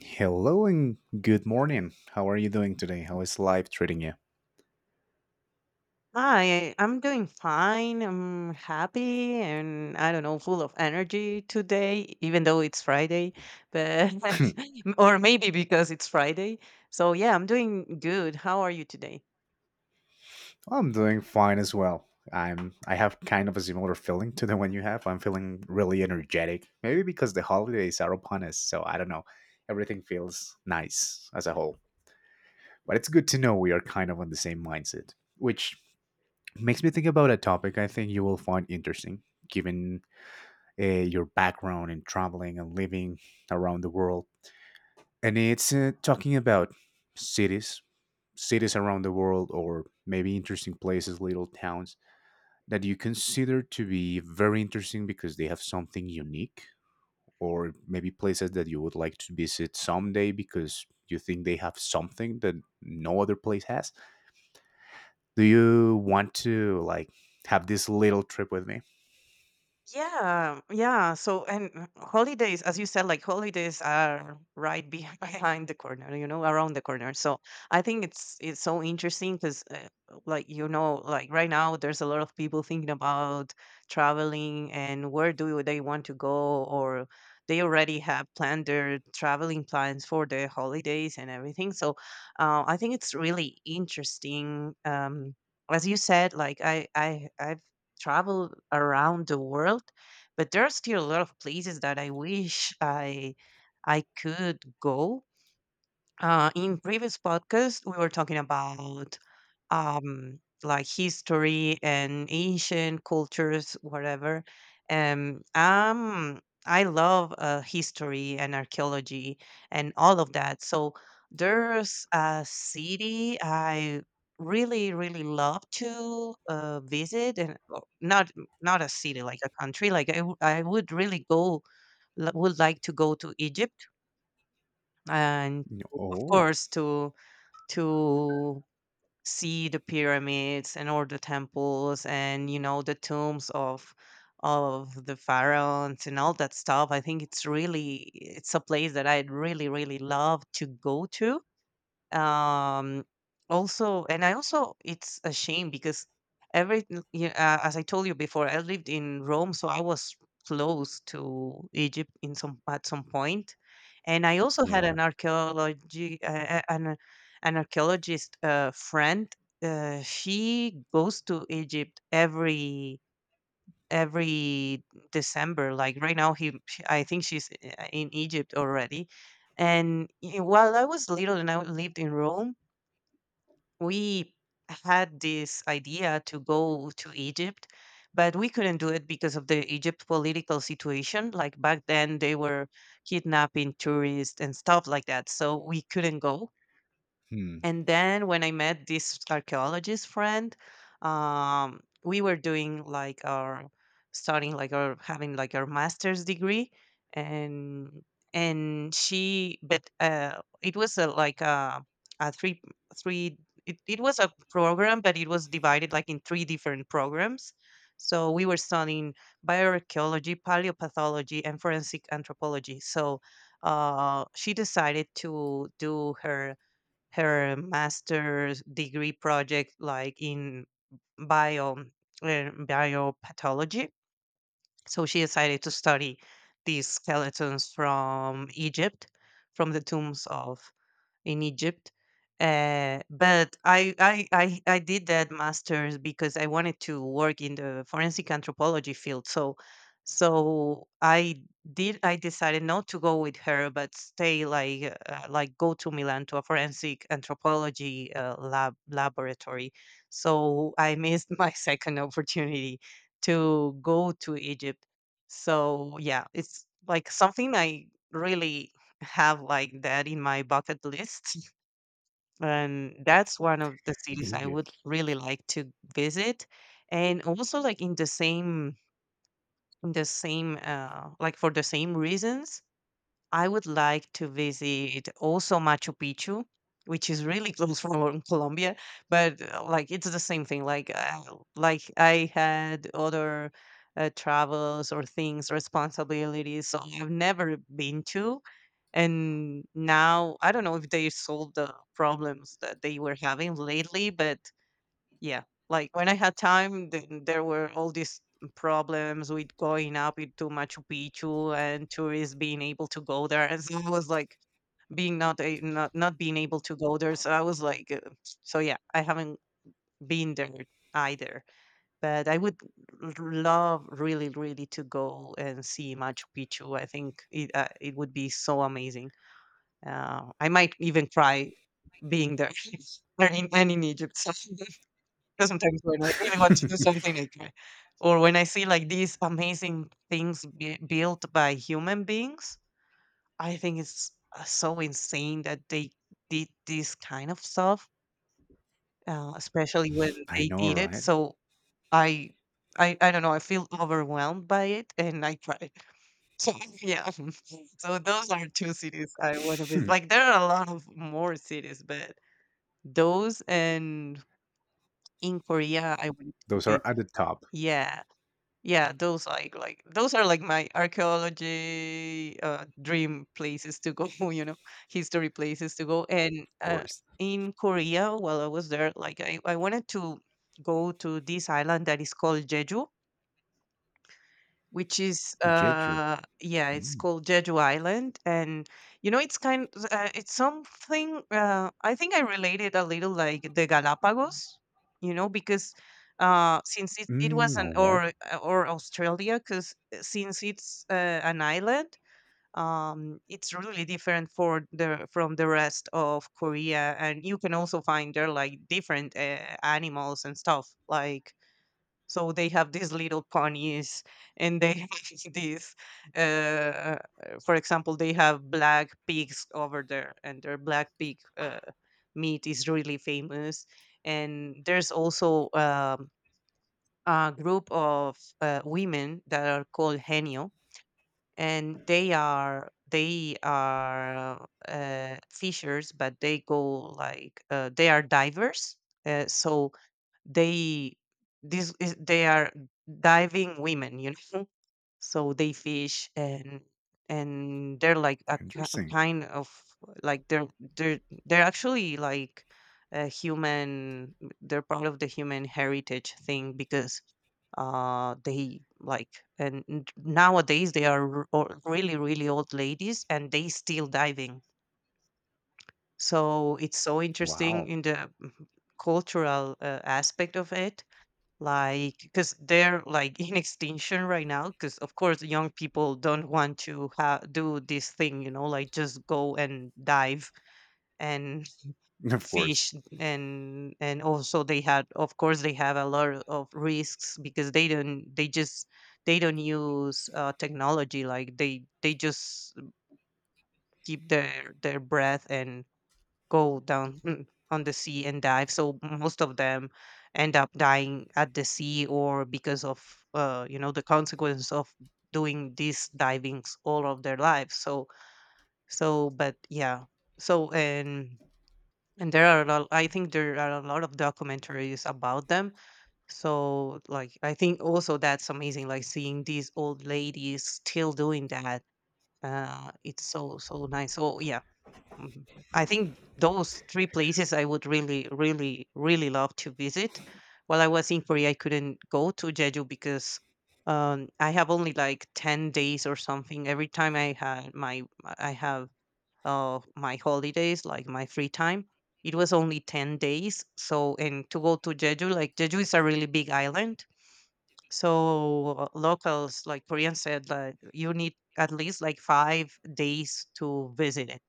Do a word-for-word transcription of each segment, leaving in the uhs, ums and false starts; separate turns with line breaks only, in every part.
Hello and good morning. How are you doing today? How is life treating you?
Hi, I'm doing fine. I'm happy and I don't know, full of energy today, even though it's Friday, but or maybe because it's Friday. So yeah, I'm doing good. How are you today?
I'm doing fine as well. I'm I have kind of a similar feeling to the one you have. I'm feeling really energetic. Maybe because the holidays are upon us, so I don't know. Everything feels nice as a whole. But it's good to know we are kind of on the same mindset, which makes me think about a topic I think you will find interesting given uh, your background in traveling and living around the world. And it's uh, talking about cities cities around the world or maybe interesting places, little towns that you consider to be very interesting because they have something unique, or maybe places that you would like to visit someday because you think they have something that no other place has? Do you want to like have this little trip with me?
Yeah, yeah. So, and holidays, as you said, like holidays are right be behind the corner, you know, around the corner. So, I think it's it's so interesting because, uh, like you know, like right now, there's a lot of people thinking about traveling and where do they want to go, or they already have planned their traveling plans for the holidays and everything. So, uh, I think it's really interesting. Um, as you said, like I I I've travel around the world, but there are still a lot of places that I wish I I could go. Uh, in previous podcasts, we were talking about um like history and ancient cultures whatever um um I love uh, history and archaeology and all of that. So there's a city I really really love to uh, visit, and oh, not not a city, like a country. Like i, w- I would really go l- would like to go to Egypt and
No-
of
Oh,
course to to see the pyramids and all the temples and you know the tombs of of the pharaohs and all that stuff. I think it's really, it's a place that I'd really really love to go to. um Also, and I also, it's a shame because every yeah, uh, as I told you before, I lived in Rome, so I was close to Egypt in some at some point point. And I also had
yeah.
an archaeology uh, an uh, an archaeologist uh, friend. Uh, she goes to Egypt every every December. Like right now, he she, I think she's uh, in Egypt already. And y- while I was little and I lived in Rome, we had this idea to go to Egypt, but we couldn't do it because of the Egypt political situation. Like back then, they were kidnapping tourists and stuff like that. So we couldn't go.
Hmm.
And then when I met this archaeologist friend, um, we were doing like our starting like our having like our master's degree, and and she but uh, it was a, like a, a three three it, it was a program, but it was divided like in three different programs. So we were studying bioarchaeology, paleopathology, and forensic anthropology. So uh, she decided to do her her master's degree project like in bio uh, biopathology. So she decided to study these skeletons from Egypt, from the tombs of in Egypt. Uh, but I, I I I did that master's because I wanted to work in the forensic anthropology field. So so I did I decided not to go with her, but stay like uh, like go to Milan to a forensic anthropology uh, lab laboratory. So I missed my second opportunity to go to Egypt. So yeah, it's like something I really have like that in my bucket list. And that's one of the cities I would
Egypt.
really like to visit. And also like in the same in the same uh like for the same reasons, I would like to visit also Machu Picchu, which is really close from Colombia, but uh, like it's the same thing. Like uh, like I had other uh, travels or things responsibilities, so I've never been to, and now I don't know if they solved the problems that they were having lately, but yeah, like when I had time, th- there were all these problems with going up into Machu Picchu and tourists being able to go there, and so I was like being not a, not not being able to go there. So I was like, uh, so yeah, I haven't been there either, but I would r- love really really to go and see Machu Picchu. I think it uh, it would be so amazing. Uh, I might even cry being there or in and in Egypt. So because sometimes when I really want to do something, I cry. Or when I see like these amazing things bui built by human beings, I think it's uh, so insane that they did this kind of stuff, uh, especially when
I
they
know,
did it.
right?
So I, I, I don't know. I feel overwhelmed by it, and I cry. So yeah. So those are two cities I want to visit.
Hmm.
Like there are a lot of more cities, but those, and in Korea, I went to
Those are
it.
at the top,
Yeah, yeah, those like like those are like my archaeology uh, dream places to go. You know, history places to go. And
of
uh,
course.
in Korea, while I was there, like I, I wanted to go to this island that is called Jeju, which is
Jeju.
uh yeah, it's
Mm.
called Jeju Island. And you know, it's kind uh, it's something uh I think I related a little like the Galapagos, you know, because uh since it, it was
Mm,
an
all right.
or or Australia, because since it's uh, an island, um it's really different for the from the rest of Korea. And you can also find there like different uh, animals and stuff. Like so they have these little ponies, and they have these. Uh, uh, for example, they have black pigs over there, and their black pig uh, meat is really famous. And there's also um, a group of uh, women that are called henio, and they are they are uh, fishers, but they go like uh, they are divers. Uh, so they, this is they are diving women, you know. So they fish, and and they're like a, ki- a
Interesting.
kind of, like they're they're they're actually like a human, they're part of the human heritage thing because uh they like, and n- nowadays they are r- or- really really old ladies and they still diving. So it's so interesting
Wow.
in the mm, cultural uh, aspect of it, like because they're like in extinction right now because of course young people don't want to ha- do this thing, you know, like just go and dive and
Of course.
fish. And and also they had, of course they have a lot of risks because they don't they just, they don't use uh, technology. Like they they just keep their their breath and go down mm, on the sea and dive. So most of them end up dying at the sea or because of, uh, you know, the consequence of doing these divings all of their lives. So so but yeah. So and and there are a lot, I think there are a lot of documentaries about them. So like I think also that's amazing, like seeing these old ladies still doing that. Uh, it's so so nice. So yeah, mhm, I think those three places I would really, really, really love to visit. While I was in Korea, I couldn't go to Jeju because um, I have only like ten days or something. Every time I had my I have uh, my holidays, like my free time, it was only ten days. So and to go to Jeju, like Jeju is a really big island. So uh, locals, like Koreans said, like you need at least like five days to visit it.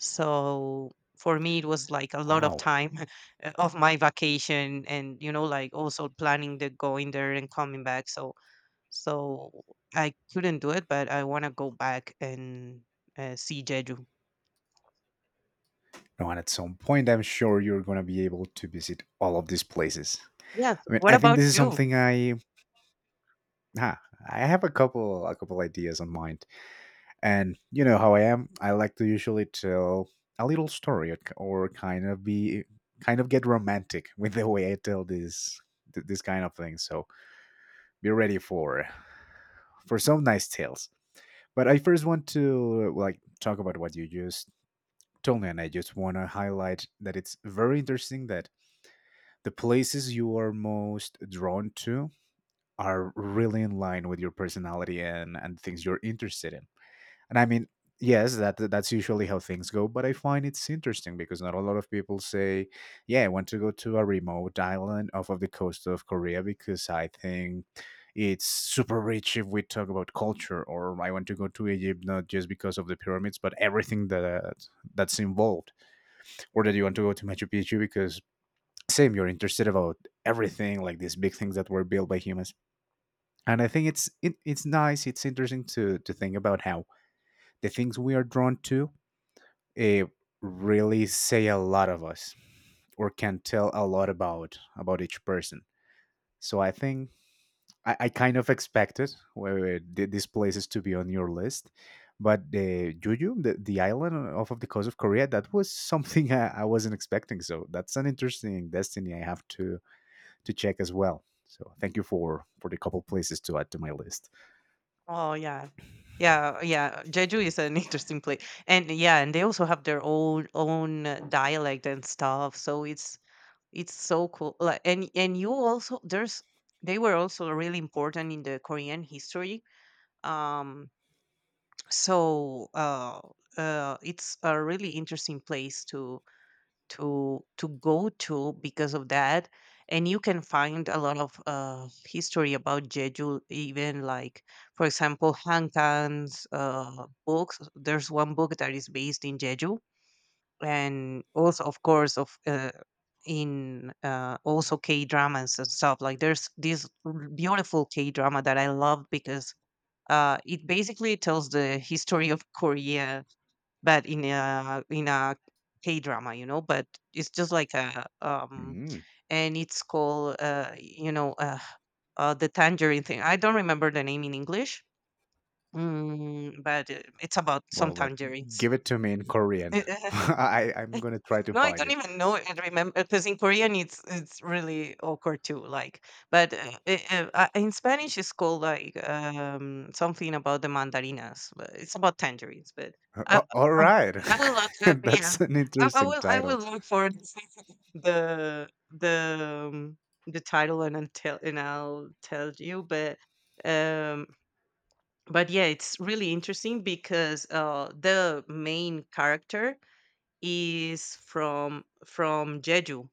So for me, it was like a lot of
Wow.
time uh, of my vacation, and you know, like also planning the going there and coming back. So so I couldn't do it, but I want to go back and uh, see Jeju.
No, and at some point, I'm sure you're going to be able to visit all of these places.
Yes.
I mean,
What
I think
about
this is
you?
something I. Huh, I have a couple a couple ideas on mind, and you know how I am. I like to usually tell a little story or or kind of be kind of get romantic with the way I tell this th- this kind of thing. So be ready for for some nice tales. But I first want to like talk about what you just Tony, and I just want to highlight that it's very interesting that the places you are most drawn to are really in line with your personality and and things you're interested in. And I mean, yes, that that's usually how things go, but I find it's interesting because not a lot of people say, "Yeah, I want to go to a remote island off of the coast of Korea because I think it's super rich if we talk about culture," or "I want to go to Egypt not just because of the pyramids, but everything that that's involved," or that you want to go to Machu Picchu because same you're interested about everything like these big things that were built by humans. And I think it's it, it's nice, it's interesting to to think about how the things we are drawn to eh, really say a lot of us or can tell a lot about about each person. So I think I, I kind of expected where these places to be on your list, but uh, Jeju, the, the island off of the coast of Korea, that was something I, I wasn't expecting. So that's an interesting destiny I have to to check as well. So thank you for for the couple places to add to my list.
Oh yeah. Yeah, yeah. Jeju is an interesting place, and yeah, and they also have their own own uh, dialect and stuff. So it's it's so cool. Like, and and you also there's, they were also really important in the Korean history. um so uh uh it's a really interesting place to to to go to because of that. And you can find a lot of uh history about Jeju, even like for example, Hankan's uh books. There's one book that is based in Jeju. And also of course of uh, in uh, also K dramas and stuff. Like there's this r- beautiful K drama that I love because uh, it basically tells the history of Korea, but in a in a K drama, you know. But it's just like a um,
Mm,
and it's called uh, you know uh, uh, the tangerine thing. I don't remember the name in English, mm, but uh, it's about some
well, but
tangerines.
give it to me in Korean. I I'm gonna try to
No, I
find
don't
it.
even know and remember because in Korean it's it's really awkward too. Like, but uh, i- uh, uh, in Spanish it's called like um, something about the mandarinas. But it's about tangerines. But I,
A- All
I,
right,
I will look. Uh, yeah,
that's an
I, I
interesting
will. I will
title.
look for the the um, the title, and I'll tell and I'll tell you. But um, but yeah, it's really interesting because uh, the main character is from from Jeju,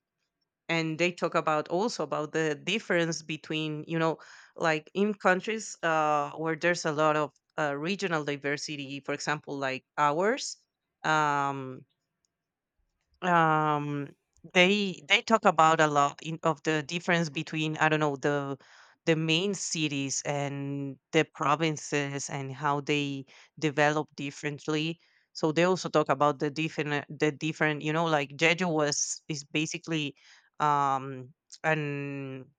and they talk about also about the difference between you know like in countries uh, where there's a lot of uh, regional diversity, for example like ours. Um, um they they talk about a lot in, of the difference between, I don't know, the the main cities and the provinces and how they develop differently. So they also talk about the different the different you know like Jeju was is basically um an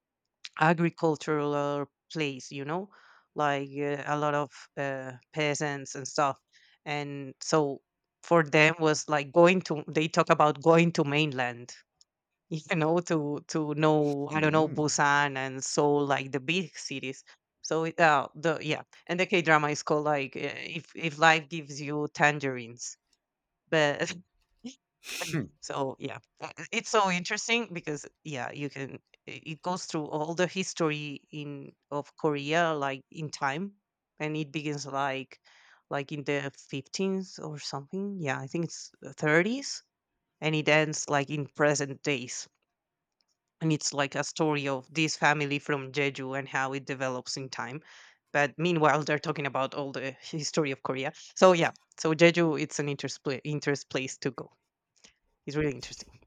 agricultural place, you know like uh, a lot of uh, peasants and stuff. And so for them was like going to they talk about going to mainland you know, to to know, I don't know,
Mm.
Busan and Seoul, like the big cities. So it, uh, the yeah, and the k drama is called like uh, if if life gives you tangerines. But So yeah, uh, uh, it's so interesting because yeah, you can i- it goes through all the history in of Korea, like in time, and it begins like like in the fifteenth or something. Yeah, I think it's the thirties, and it ends like in present days. And it's like a story of this family from Jeju and how it develops in time. But meanwhile, they're talking about all the history of Korea. So yeah, so Jeju, it's an interest, pla- interest place to go. He's really interesting.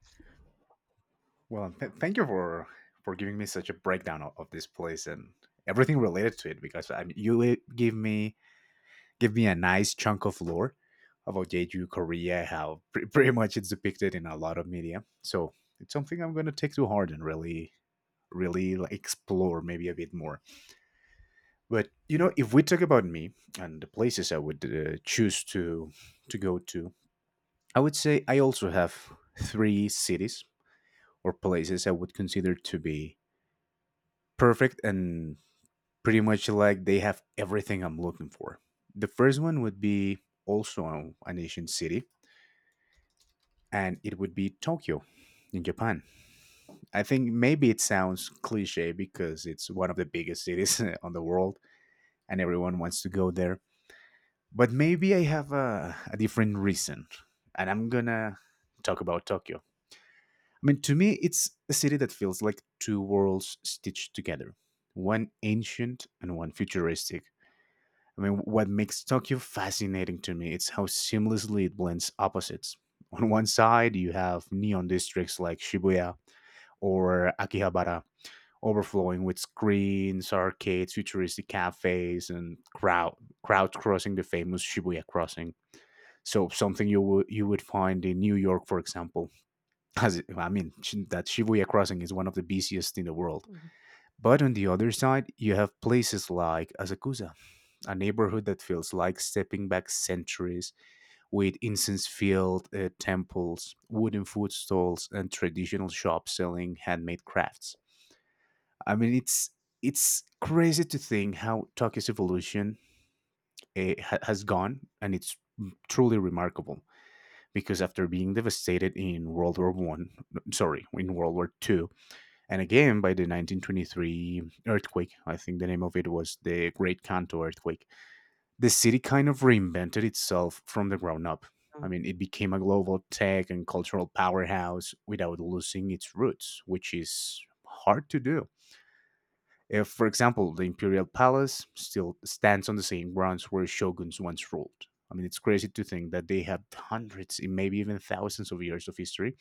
Well, th- thank you for for giving me such a breakdown of, of this place and everything related to it because I mean, you li- give me give me a nice chunk of lore about Jeju, Korea, how pre- pretty much it's depicted in a lot of media. So it's something I'm going to take to heart and really really like, explore maybe a bit more. But you know, if we talk about me and the places I would uh, choose to to go to, I would say I also have three cities or places I would consider to be perfect and pretty much like they have everything I'm looking for. The first one would be also an Asian city, and it would be Tokyo in Japan. I think maybe it sounds cliche because it's one of the biggest cities on the world and everyone wants to go there. But maybe I have a, a different reason, and I'm gonna talk about Tokyo. I mean, to me, it's a city that feels like two worlds stitched together, one ancient and one futuristic. I mean, what makes Tokyo fascinating to me is how seamlessly it blends opposites. On one side, you have neon districts like Shibuya or Akihabara, overflowing with screens, arcades, futuristic cafes, and crowd crowds crossing the famous Shibuya crossing. So something you would you would find in New York, for example. As it- I mean, Sh- that Shibuya crossing is one of the busiest in the world.
Mhm.
But on the other side, you have places like Asakusa, a neighborhood that feels like stepping back centuries with incense filled uh, temples, wooden food stalls, and traditional shops selling handmade crafts. I mean, it's it's crazy to think how Tokyo's evolution eh, ha- has gone, and it's truly remarkable because after being devastated in World War One, sorry, in World War Two, and again by the nineteen twenty-three earthquake. I think the name of it was the Great Kanto earthquake. The city kind of reinvented itself from the ground up. I
Mm.
mean, it became a global tech and cultural powerhouse without losing its roots, which is hard to do. If, for example, the Imperial Palace still stands on the same grounds where shoguns once ruled. I mean, it's crazy to think that they have hundreds, and maybe even thousands of years of history,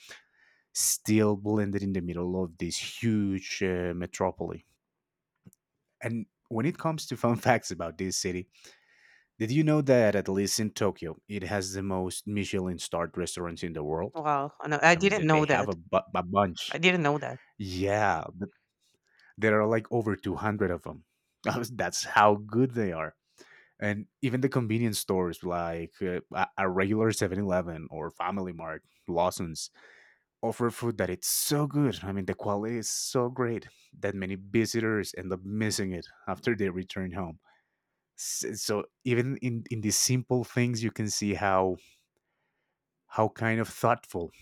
still blended in the middle of this huge uh, metropole. And when it comes to fun facts about this city, did you know that at least in Tokyo, it has the most Michelin-starred restaurants in the world?
Wow, I know, I
I mean, they
didn't
they
know
have a,
that.
bu- a
I
bunch.
didn't know that.
Yeah, th- there are like over two hundred of them. That's how good they are. And even the convenience stores like uh, a a regular Seven Eleven or Family Mart, Lawson's offer food that it's so good. I mean, the quality is so great that many visitors end up missing it after they return home. S- So even in in these simple things, you can see how how kind of thoughtful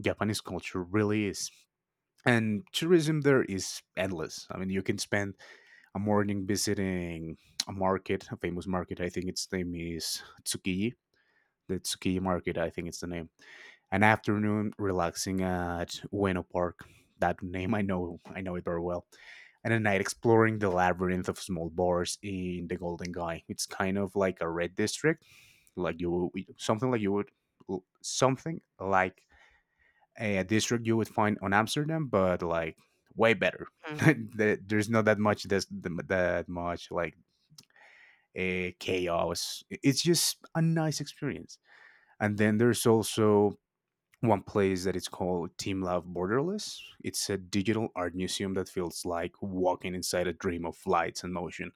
Japanese culture really is. And tourism there is endless. I mean, you can spend a morning visiting a market, a famous market. I think its name is Tsukiji. The Tsukiji market, I think it's the name. An afternoon relaxing at Ueno Park. That name I know, I know it very well. And a night exploring the labyrinth of small bars in the Golden Guy. It's kind of like a red district, like you, something like you would, something like a district you would find on Amsterdam, but like way better.
Mhm.
There- There's not that much this, th- that much like a chaos. It's just a nice experience. And then there's also one place that it's called Team Love Borderless. It's a digital art museum that feels like walking inside a dream of lights and motion.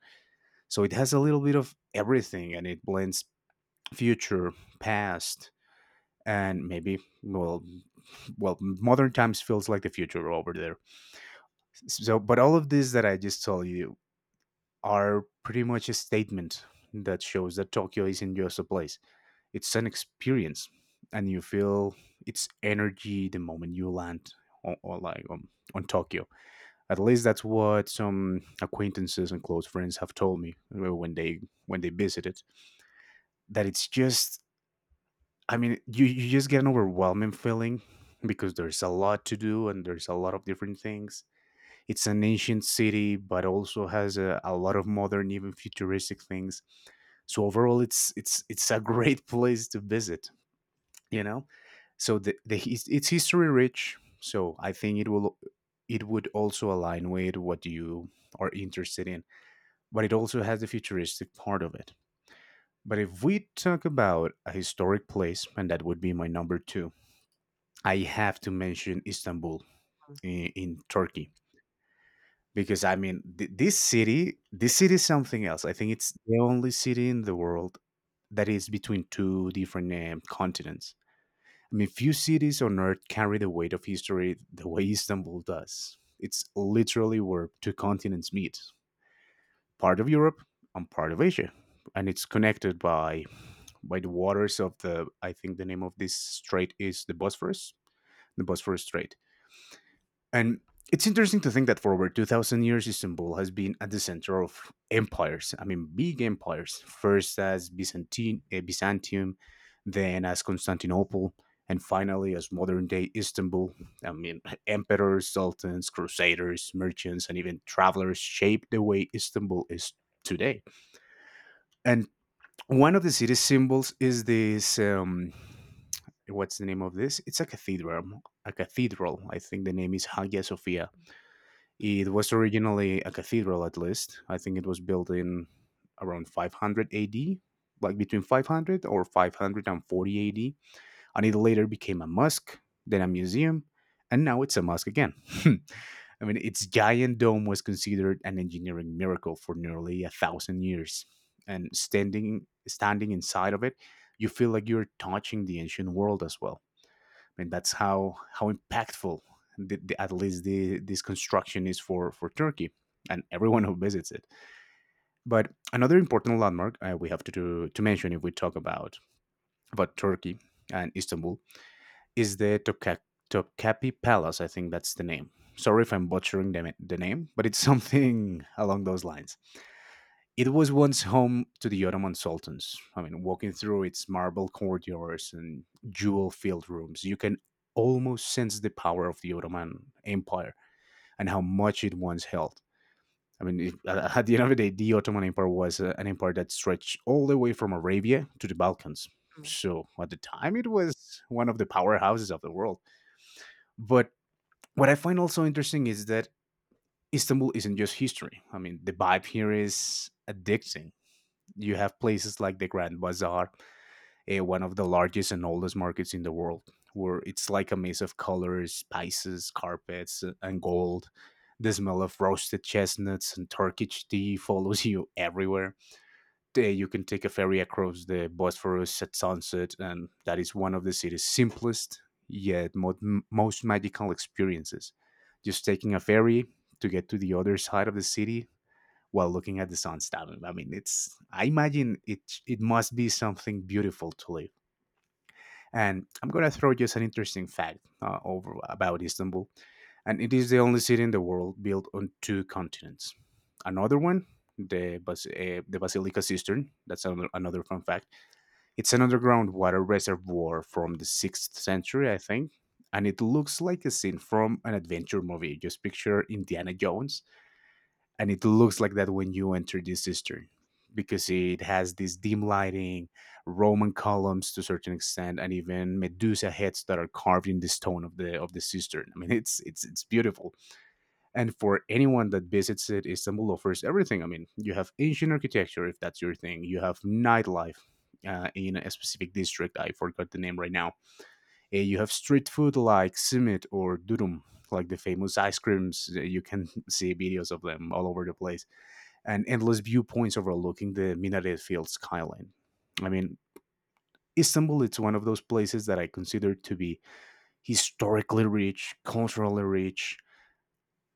So it has a little bit of everything and it blends future, past, and maybe well well modern times feels like the future over there. So, but all of this that I just told you are pretty much a statement that shows that Tokyo isn't just a place. It's an experience, and you feel its energy the moment you land on, or like on, on Tokyo. At least that's what some acquaintances and close friends have told me uh, when they when they visited. That it's just, I mean, you you just get an overwhelming feeling because there's a lot to do and there's a lot of different things. It's an ancient city, but also has a, a lot of modern, even futuristic things. So overall, it's it's it's a great place to visit. You know, so the, the his- it's history rich. So I think it will it would also align with what you are interested in, but it also has the futuristic part of it. But if we talk about a historic place, and that would be my number two, I have to mention Istanbul
Mm.
in, in Turkey. Because I mean, th- this city, this
Yeah.
city is something else. I think it's the only city in the world that is between two different um, continents. I mean, few cities on earth carry the weight of history the way Istanbul does. It's literally where two continents meet, part of Europe and part of Asia, and it's connected by by the waters of the. I think the name of this strait is the Bosphorus, the Bosphorus Strait. And it's interesting to think that for over two thousand years, Istanbul has been at the center of empires. I mean, big empires, first as Byzantine, eh, Byzantium, then as Constantinople, and finally as modern day Istanbul. I mean, emperors, sultans, crusaders, merchants, and even travelers shaped the way Istanbul is today. And one of the city's symbols is this. Um, what's the name of this? It's a cathedral. A cathedral. I think the name is Hagia Sophia. It was originally a cathedral, at least. I think it was built in around five hundred A D, like between five hundred or five hundred forty A D. And it later became a mosque, then a museum, and now it's a mosque again. I mean, its giant dome was considered an engineering miracle for nearly a thousand years. And standing, standing inside of it, you feel like you're touching the ancient world as well. Mean, that's how how impactful the, the, at least the, this construction is for for Turkey and everyone who visits it. But another important landmark uh, we have to do, to mention if we talk about about Turkey and Istanbul is the Topka- Topkapi Palace. I think that's the name. Sorry if I'm butchering the, the name, but it's something along those lines. It was once home to the Ottoman sultans. I mean, walking through its marble corridors and jewel filled rooms, you can almost sense the power of the Ottoman Empire and how much it once held. I mean, it, at the end of the day, the Ottoman Empire was uh, an empire that stretched all the way from Arabia to the Balkans.
Mm.
So at the time, it was one of the powerhouses of the world. But what I find also interesting is that Istanbul isn't just history. I mean, the vibe here is addicting. You have places like the Grand Bazaar, eh, one of the largest and oldest markets in the world, where it's like a maze of colors, spices, carpets, uh, and gold. The smell of roasted chestnuts and Turkish tea follows you everywhere. There you can take a ferry across the Bosphorus at sunset, and that is one of the city's simplest yet mo- m- most magical experiences. Just taking a ferry to get to the other side of the city while looking at the sun stopping. I mean, it's I imagine it it must be something beautiful to live. And I'm gonna throw just an interesting fact uh, over about Istanbul, and it is the only city in the world built on two continents. Another one, the Bas- uh, the Basilica Cistern. That's another, another fun fact. It's an underground water reservoir from the sixth century, I think. And it looks like a scene from an adventure movie. Just picture Indiana Jones and it looks like that when you enter this history because it has this dim lighting, roman columns to a certain extent, and even medusa heads that are carved in the stone of the of the cistern. I mean, it's it's it's beautiful. And for anyone that visits it, Istanbul offers everything. I mean, you have ancient architecture, if that's your thing, you have nightlife uh, in a specific district, I forgot the name right now. Uh, you have street food like simit or durum, like the famous ice creams. Uh, you can see videos of them all over the place and endless viewpoints overlooking the minaret filled skyline. I mean, Istanbul, it's one of those places that I consider to be historically rich, culturally rich,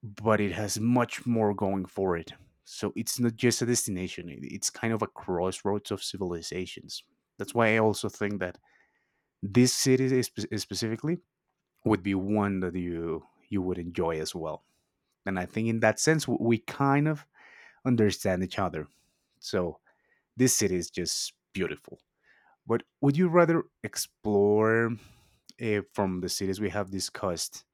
but it has much more going for it. So it's not just a destination, it's kind of a crossroads of civilizations. That's why I also think that this city spe- specifically would be one that you you would enjoy as well. And I think in that sense we kind of understand each other. So this city is just beautiful. But would you rather explore uh, from the cities we have discussed?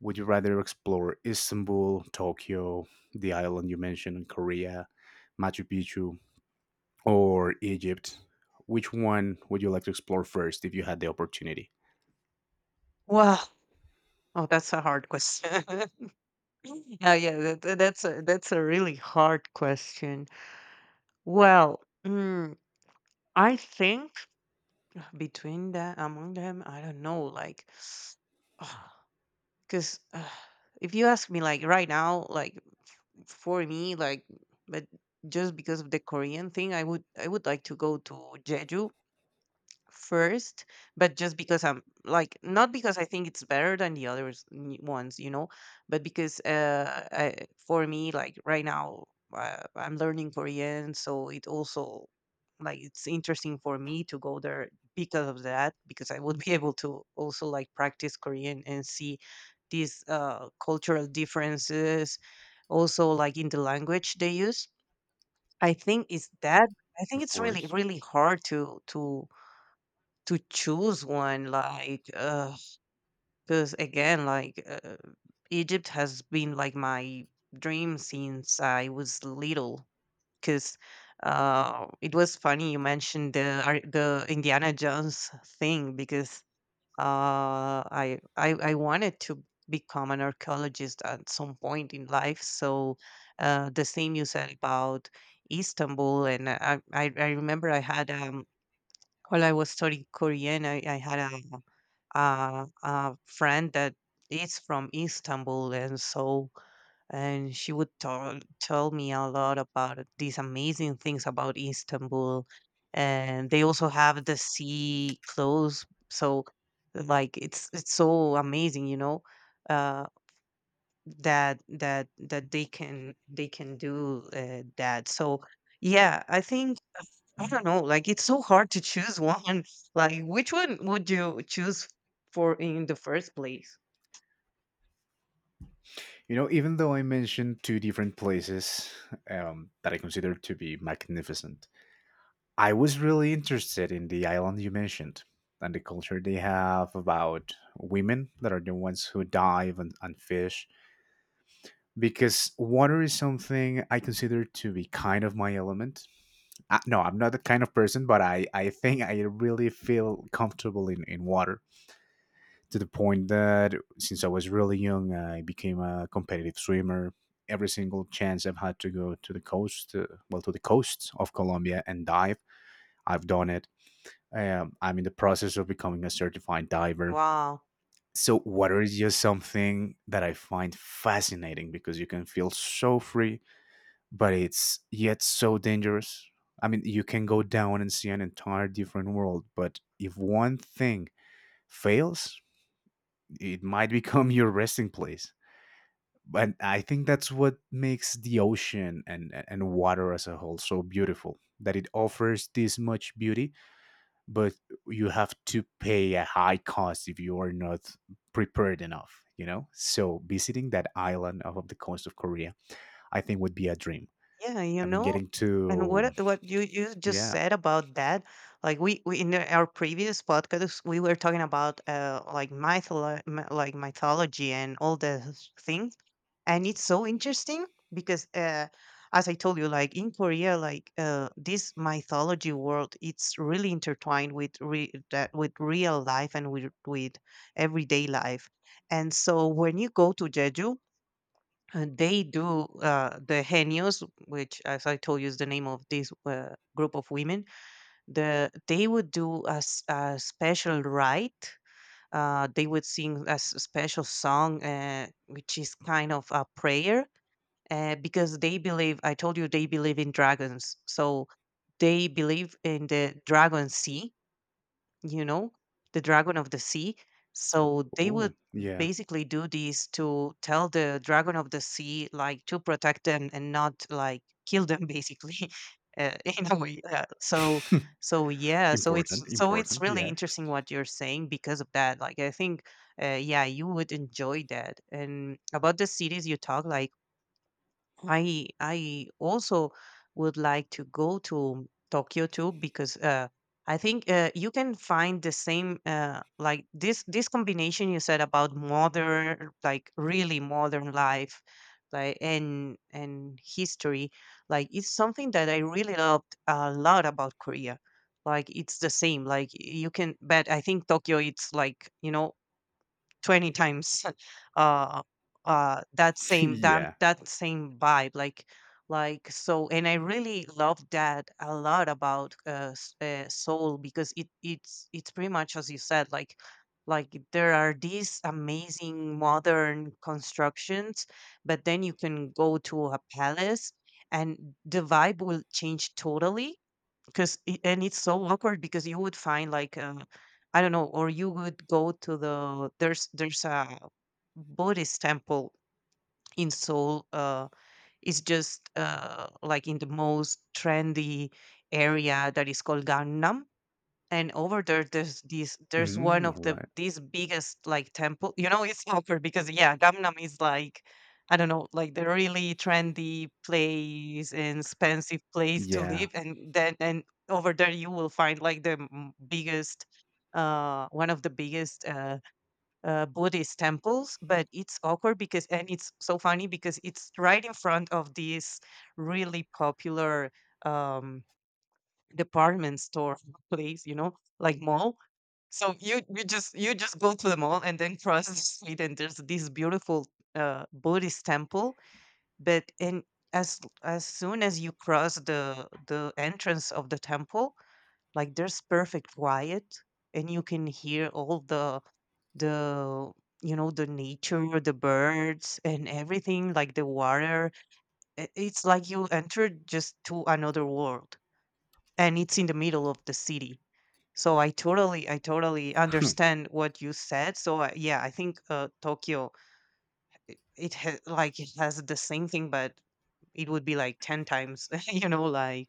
Would you rather explore Istanbul, Tokyo, the island you mentioned, Korea, Machu Picchu, or Egypt? Which one would you like to explore first if you had the opportunity?
Wow. Oh, that's a hard question. Yeah, yeah, that that that's a that's a really hard question. Well, mm, I think between that among them, I don't know. Like, like, 'cause, ah, if you ask me, like, right now, like, f for me, like, but just because of the Korean thing, I would I would like to go to Jeju first, but just because I'm like, not because I think it's better than the others n- ones, you know, but because uh, I, for me, like right now, uh, I'm learning Korean, so it also like it's interesting for me to go there because of that, because I would be able to also like practice Korean and see these uh, cultural differences, also like in the language they use. I think it's that. I think
Of
it's really,
course.
really hard to to to choose one, like, 'cause again, like, uh, Egypt has been like my dream since I was little. 'Cause uh, it was funny you mentioned the ar the Indiana Jones thing because uh, I I I wanted to become an archaeologist at some point in life. So uh, the same you said about Istanbul, and I I I remember I had, um, while I was studying Korean, I I had a uh, a friend that is from Istanbul, and so, and she would tell tell me a lot about these amazing things about Istanbul, and they also have the sea close, so like it's it's so amazing, you know. Uh, that that that they can they can do uh, that. So yeah, I think, uh, I don't know, like it's so hard to choose one. Like, which one would you choose for in the first place?
You know, even though I mentioned two different places um, that I consider to be magnificent, I was really interested in the island you mentioned and the culture they have about women that are the ones who dive and, and fish, because water is something I consider to be kind of my element. Uh, no, I'm not that kind of person, but I, I think I really feel comfortable in, in water, to the point that since I was really young, I became a competitive swimmer. Every single chance I've had to go to the coast, uh, well, to the coasts of Colombia and dive, I've done it. Um, I'm in the process of becoming a certified diver.
Wow.
So, water is just something that I find fascinating because you can feel so free, but it's yet so dangerous. I mean, you can go down and see an entire different world, but if one thing fails, it might become your resting place. But I think that's what makes the ocean and and water as a whole so beautiful, that it offers this much beauty, but you have to pay a high cost if you are not prepared enough, you know? So visiting that island off of the coast of Korea, I think would be a dream.
Yeah, you
I mean
know,
getting
and
to.
what what you, you just
Yeah.
said about that, like we, we in the- our previous podcast, we were talking about uh like mytholo- m- like mythology and all the things, and it's so interesting because uh, as I told you, like in Korea, like uh, this mythology world, it's really intertwined with re- that with real life and with with everyday life. And so when you go to Jeju, uh, they do uh, the henios, which as I told you is the name of this uh, group of women. The they would do a, s- a special rite. Uh, they would sing a s- special song, uh, which is kind of a prayer, uh, because they believe, I told you, they believe in dragons. So they believe in the dragon sea, you know, the dragon of the sea.
Oh,
So they
oh,
would
yeah.
basically do this to tell the dragon of the sea like to protect them and not like kill them, basically, uh, in a way, uh, so. So yeah, so it's
Important,
so it's
important,
really
yeah.
interesting what you're saying, because of that, like, I think, uh, yeah, you would enjoy that. And about the cities you talk, like I I also would like to go to Tokyo too, because uh, I think uh, you can find the same, uh, like this this combination you said about modern, like really modern life, like and and history. Like it's something that I really loved a lot about Korea, like it's the same, like you can, but I think Tokyo it's like, you know, twenty times uh uh that same that
Yeah.
that same vibe, like, like. So, and I really love that a lot about uh, s- uh soul, because it it's it's pretty much as you said, like like there are these amazing modern constructions, but then you can go to a palace and the vibe will change totally, because it, and it's so awkward because you would find like, uh, I don't know, or you would go to the there's there's a Buddhist temple in Seoul. Uh, it's just uh, like in the most trendy area that is called Gangnam, and over there there's these there's one
Mm,
of
all
the
right.
these biggest like temple, you know. It's awkward because yeah, Gangnam is like, I don't know, like the really trendy place and expensive place to
Yeah.
live, and then, and over there you will find like the m- biggest, uh one of the biggest, uh, uh Buddhist temples. But it's awkward because, and it's so funny because it's right in front of this really popular, um department store place, you know, like mall. So you you just you just go to the mall and then cross the street and there's this beautiful, uh, Buddhist temple. But in, as as soon as you cross the the entrance of the temple, like there's perfect quiet, and you can hear all the the you know, the nature, the birds and everything, like the water. I- It's like you entered just to another world, and it's in the middle of the city. So I totally, I totally understand what you said. So uh, yeah, I think, uh, Tokyo, it ha- like it has the same thing, but it would be like ten times, you know, like.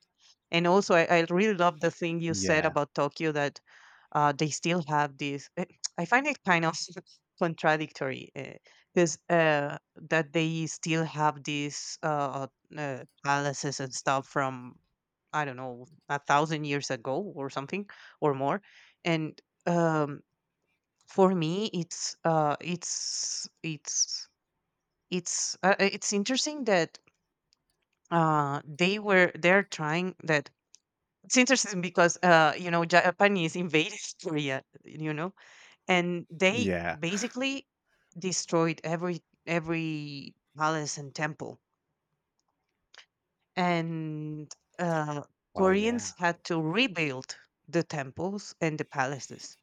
And also, I, I really love the thing you said
Yeah.
about Tokyo, that uh, they still have this, eh, I find it kind of contradictory because uh, 'cause, uh, that they still have these uh, uh, palaces and stuff from, I don't know, a thousand years ago or something, or more, and um, for me it's uh, it's it's it's uh, uh, it's interesting that uh, they were they're trying that. It's interesting because uh, you know, Japan is invading Korea, you know, and they
Yeah.
basically destroyed every every palace and temple, and uh,
Well, yeah.
Koreans had to rebuild the temples and the palaces.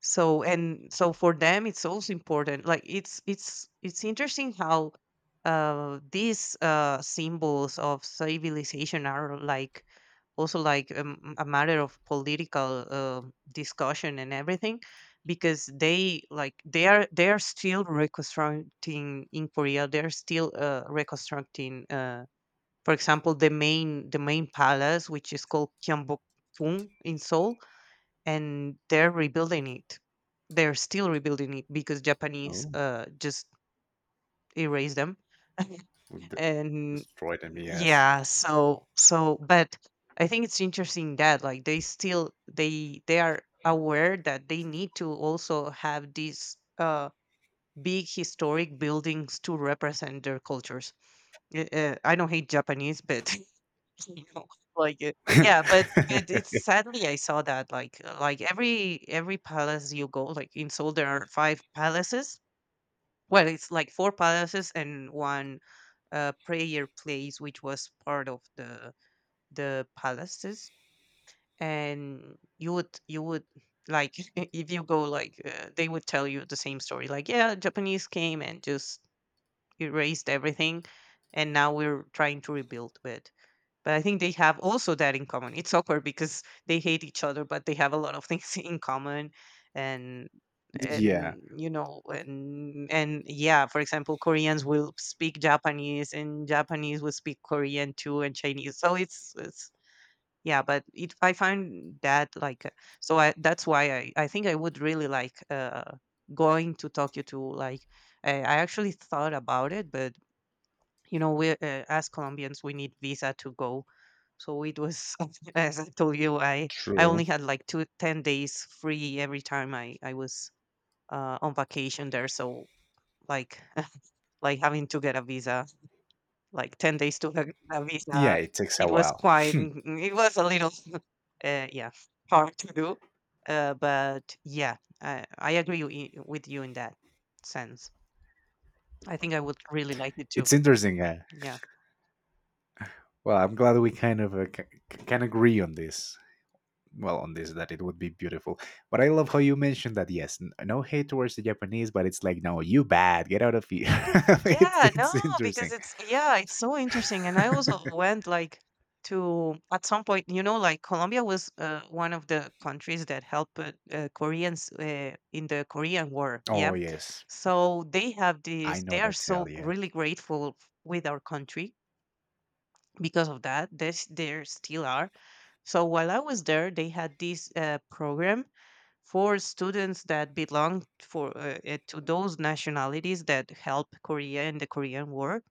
So, and so for them it's also important, like it's it's it's interesting how uh these uh symbols of civilization are like also like um, a matter of political, uh, discussion and everything, because they, like they are they are still reconstructing. In Korea, they're still uh, reconstructing, uh for example, the main the main palace, which is called Gyeongbokgung, in Seoul, and they're rebuilding it. They're still rebuilding it because Japanese
Oh.
uh, just erased them.
D-
And
destroy them, yes.
yeah, so so, but I think it's interesting that like they still, they they are aware that they need to also have these, uh, big historic buildings to represent their cultures. Uh, uh, I don't hate Japanese, but you know, like, it, yeah, but but it's sadly, I saw that, like uh, like, every every palace you go, like, in Seoul, there are five palaces. Well, it's, like, four palaces and one, uh, prayer place, which was part of the the palaces, and you would you would like, if you go, like, uh, they would tell you the same story, like, "Yeah, Japanese came and just erased everything, and now we're trying to rebuild," but but I think they have also that in common. It's awkward because they hate each other, but they have a lot of things in common. and
Yeah,
and you know and and yeah, for example, Koreans will speak Japanese, and Japanese will speak Korean too, and Chinese. So it's it's yeah. But it I find that, like, uh, so I that's why i i think I would really like, uh going to Tokyo to, like, i, I actually thought about it. But, you know we, uh, as Colombians, we need visa to go. So it was, as I told you, i I
true.
only had like two ten days free every time i i was, uh, on vacation there. So, like, like having to get a visa, like ten days to get a
Yeah,
visa.
it takes a
it was
while.
quite mm, it was a little, uh, yeah, hard to do. Uh, but yeah, i i agree wi- with you in that sense. I think I would really like it too.
It's interesting. Uh,
Yeah.
well, I'm glad we kind of uh, c- c- can agree on this. Well, on this, that it would be beautiful. But I love how you mentioned that. Yes, n- no hate towards the Japanese, but it's like, no, you bad. Get out of here. it's
Yeah, no,
it's
because
interesting.
it's, yeah, it's so interesting. And I also went, like, to, at some point, you know, like Colombia was, uh, one of the countries that helped, uh, uh, Koreans, uh, in the Korean War. Yeah,
Oh yes,
so they have
I
this.
know
They are
that tale.
so
Yeah.
really grateful with our country, because of that there's there still are. So while I was there, they had this, uh, program for students that belong for, uh, uh, to those nationalities that help Korea in the Korean War.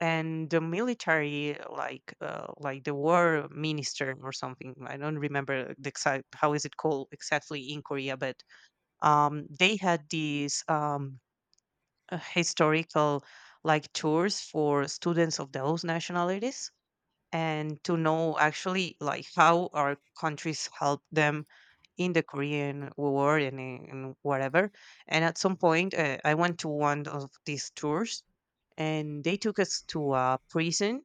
And the military, like, uh, like the war minister or something. I don't remember the exact, how is it called exactly in Korea. But, um, they had these, um, uh, historical, like, tours for students of those nationalities, and to know actually like how our countries help them in the Korean War and in whatever. And at some point, uh, I went to one of these tours, and they took us to a prison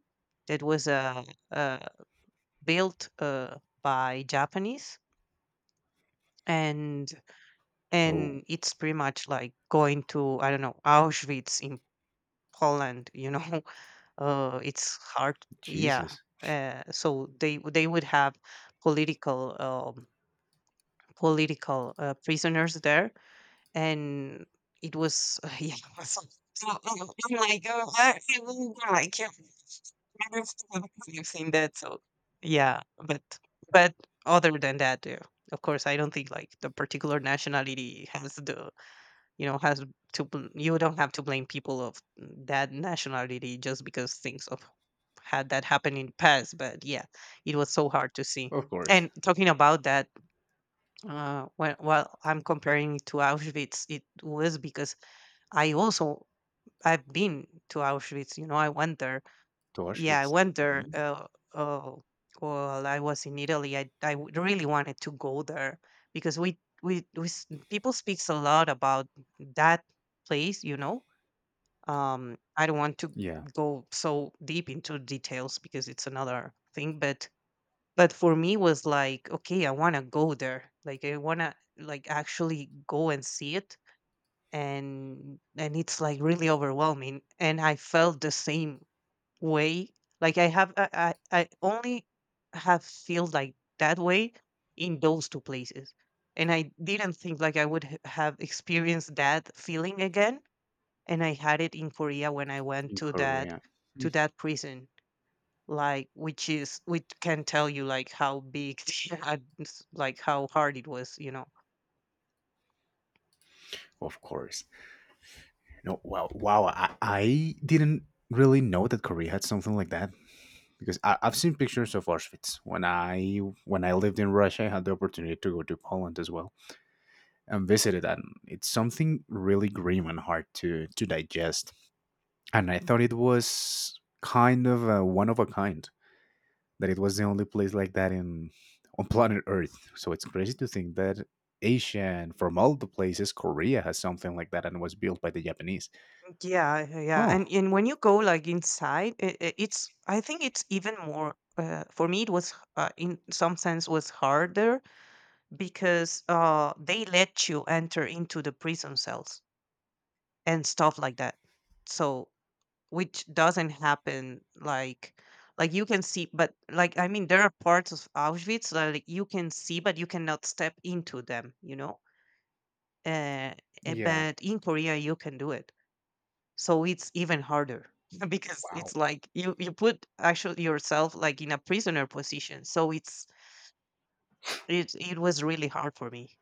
that was, uh, uh, built, uh, by Japanese. and
Oh
and it's pretty much like going to, I don't know, Auschwitz in Poland, you know. Uh, it's hard. Yeah.
Jesus.
Uh, so they they would have political, um, political, uh, prisoners there. And it was, yeah. so- so, oh, I'm like, oh, I, I will die. I can't. I don't have, I've seen that. So yeah, but but other than that, yeah, of course, I don't think like the particular nationality has the, you know, has to bl- you don't have to blame people of that nationality just because things of had that happen in past. But yeah, it was so hard to see.
Of course,
And talking about that, uh, when while I'm comparing it to Auschwitz, it was because I also I've been to Auschwitz. You know, I went there.
to
Yeah, I
Auschwitz.
went there.
Mhm.
Uh, uh, well, I was in Italy. I I w- really wanted to go there because we we, we s- people speaks a lot about that place. You know, um, I don't want to
Yeah,
go so deep into details because it's another thing. But but for me was like, okay, I want to go there, like, I want to, like, actually go and see it. And and it's like really overwhelming, and I felt the same way. Like, i have i i, I only have feel like that way in those two places. And I didn't think like I would h- have experienced that feeling again. And I had it in Korea when I went
in
to that,
Korea. Mm.
to that prison. Like, which is which can tell you, like, how big, the ad- s- like how hard it was, you know.
Of course. No, wow, wow. I, I didn't really know that Korea had something like that, because I, I've seen pictures of Auschwitz. When I when I lived in Russia, I had the opportunity to go to Poland as well and visited that. It's something really grim and hard to to digest. And I thought it was kind of a one of a kind, that it was the only place like that in, on planet Earth. So it's crazy to think that Asia, and from all the places, Korea has something like that and was built by the Japanese.
Yeah. Yeah,
Huh.
and and when you go, like, inside, i- i- it's, I think it's even more, uh, for me it was, uh, in some sense was harder, because uh they let you enter into the prison cells and stuff like that. So which doesn't happen, like like you can see, but, like, I mean, there are parts of Auschwitz that, like, you can see but you cannot step into them, you know. uh, eh,
Yeah.
but in Korea you can do it, so it's even harder, because
Wow.
it's like, you you put actually yourself, like, in a prisoner position. So, it's it, it was really hard for me.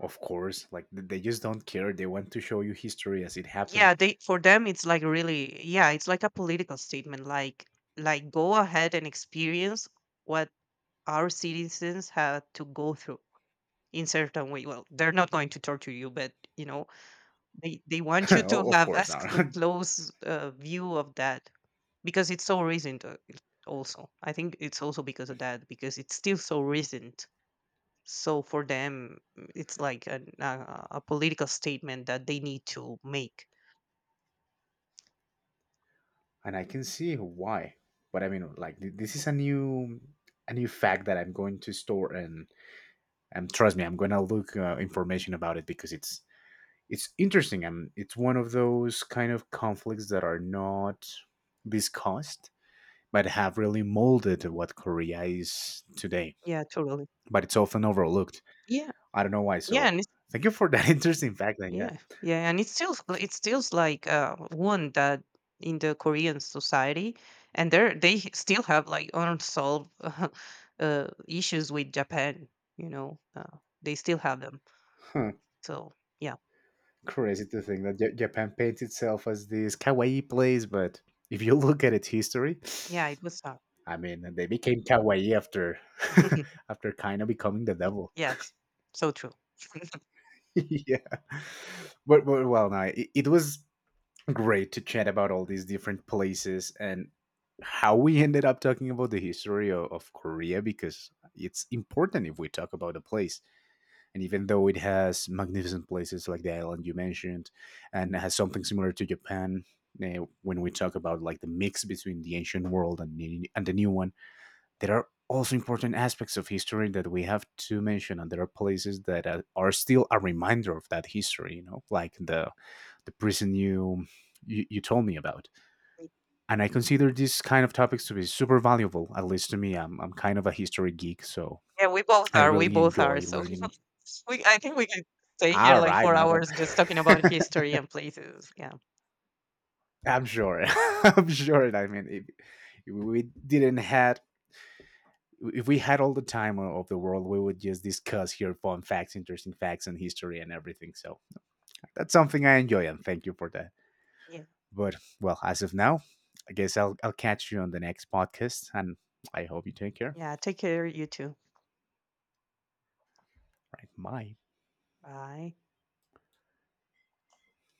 Of course, like th- they just don't care. They want to show you history as it happened.
Yeah, they for them it's like really, yeah, it's like a political statement, like like go ahead and experience what our citizens had to go through. In certain way. Well, they're not going to torture you, but, you know, they they want you to
O- of
have
course
as
not.
c- close, uh, view of that, because it's so recent. Uh, it- also I think it's also because of that, because it's still so recent. So for them, mm, it's like an, uh, a political statement that they need to make.
And I can see why. But I mean, like th- this is a new, a new fact that I'm going to store, and and trust me, I'm gonna look uh, information about it, because it's it's interesting, and it's one of those kind of conflicts that are not discussed but have really molded what Korea is today.
Yeah, totally.
But it's often overlooked.
yeah
I don't know why.
yeah
So
and
thank you for that interesting fact. And yeah.
Yeah, yeah, and it feels like, it feels like uh, one that, in the Korean society, and they are they still have like unsolved, uh, uh, issues with Japan. You know, uh, they still have them. So yeah,
Crazy to think that Ja- Japan paints itself as this kawaii place, but if you look at its history,
yeah, it was. Uh,
I mean, they became kawaii after after kind of becoming the devil.
yes, so true.
Yeah, but, but well, no, it, it was great to chat about all these different places, and how we ended up talking about the history of, of Korea, because it's important if we talk about a place. And even though it has magnificent places like the island you mentioned, and it has something similar to Japan, uh, when we talk about like the mix between the ancient world and the, and the new one, there are also important aspects of history that we have to mention, and there are places that are, are still a reminder of that history. You know, like the the prison you, you you told me about, and I consider these kind of topics to be super valuable. At least to me, I'm I'm kind of a history geek, so
Yeah, we both
I
are. We
really
both are.
enjoy
So
learning.
we, I think we can stay here
All
like
right,
four
now then.
hours just talking about history and places. Yeah,
I'm sure. I'm sure. I mean, if, if we didn't had if we had all the time o- of the world, we would just discuss here fun facts, interesting facts, and history and everything. So that's something I enjoy, and thank you for that.
yeah,
But well, as of now, I guess I'll I'll catch you on the next podcast, and I hope you take care.
yeah. Take care, you too.
Right, bye.
Bye.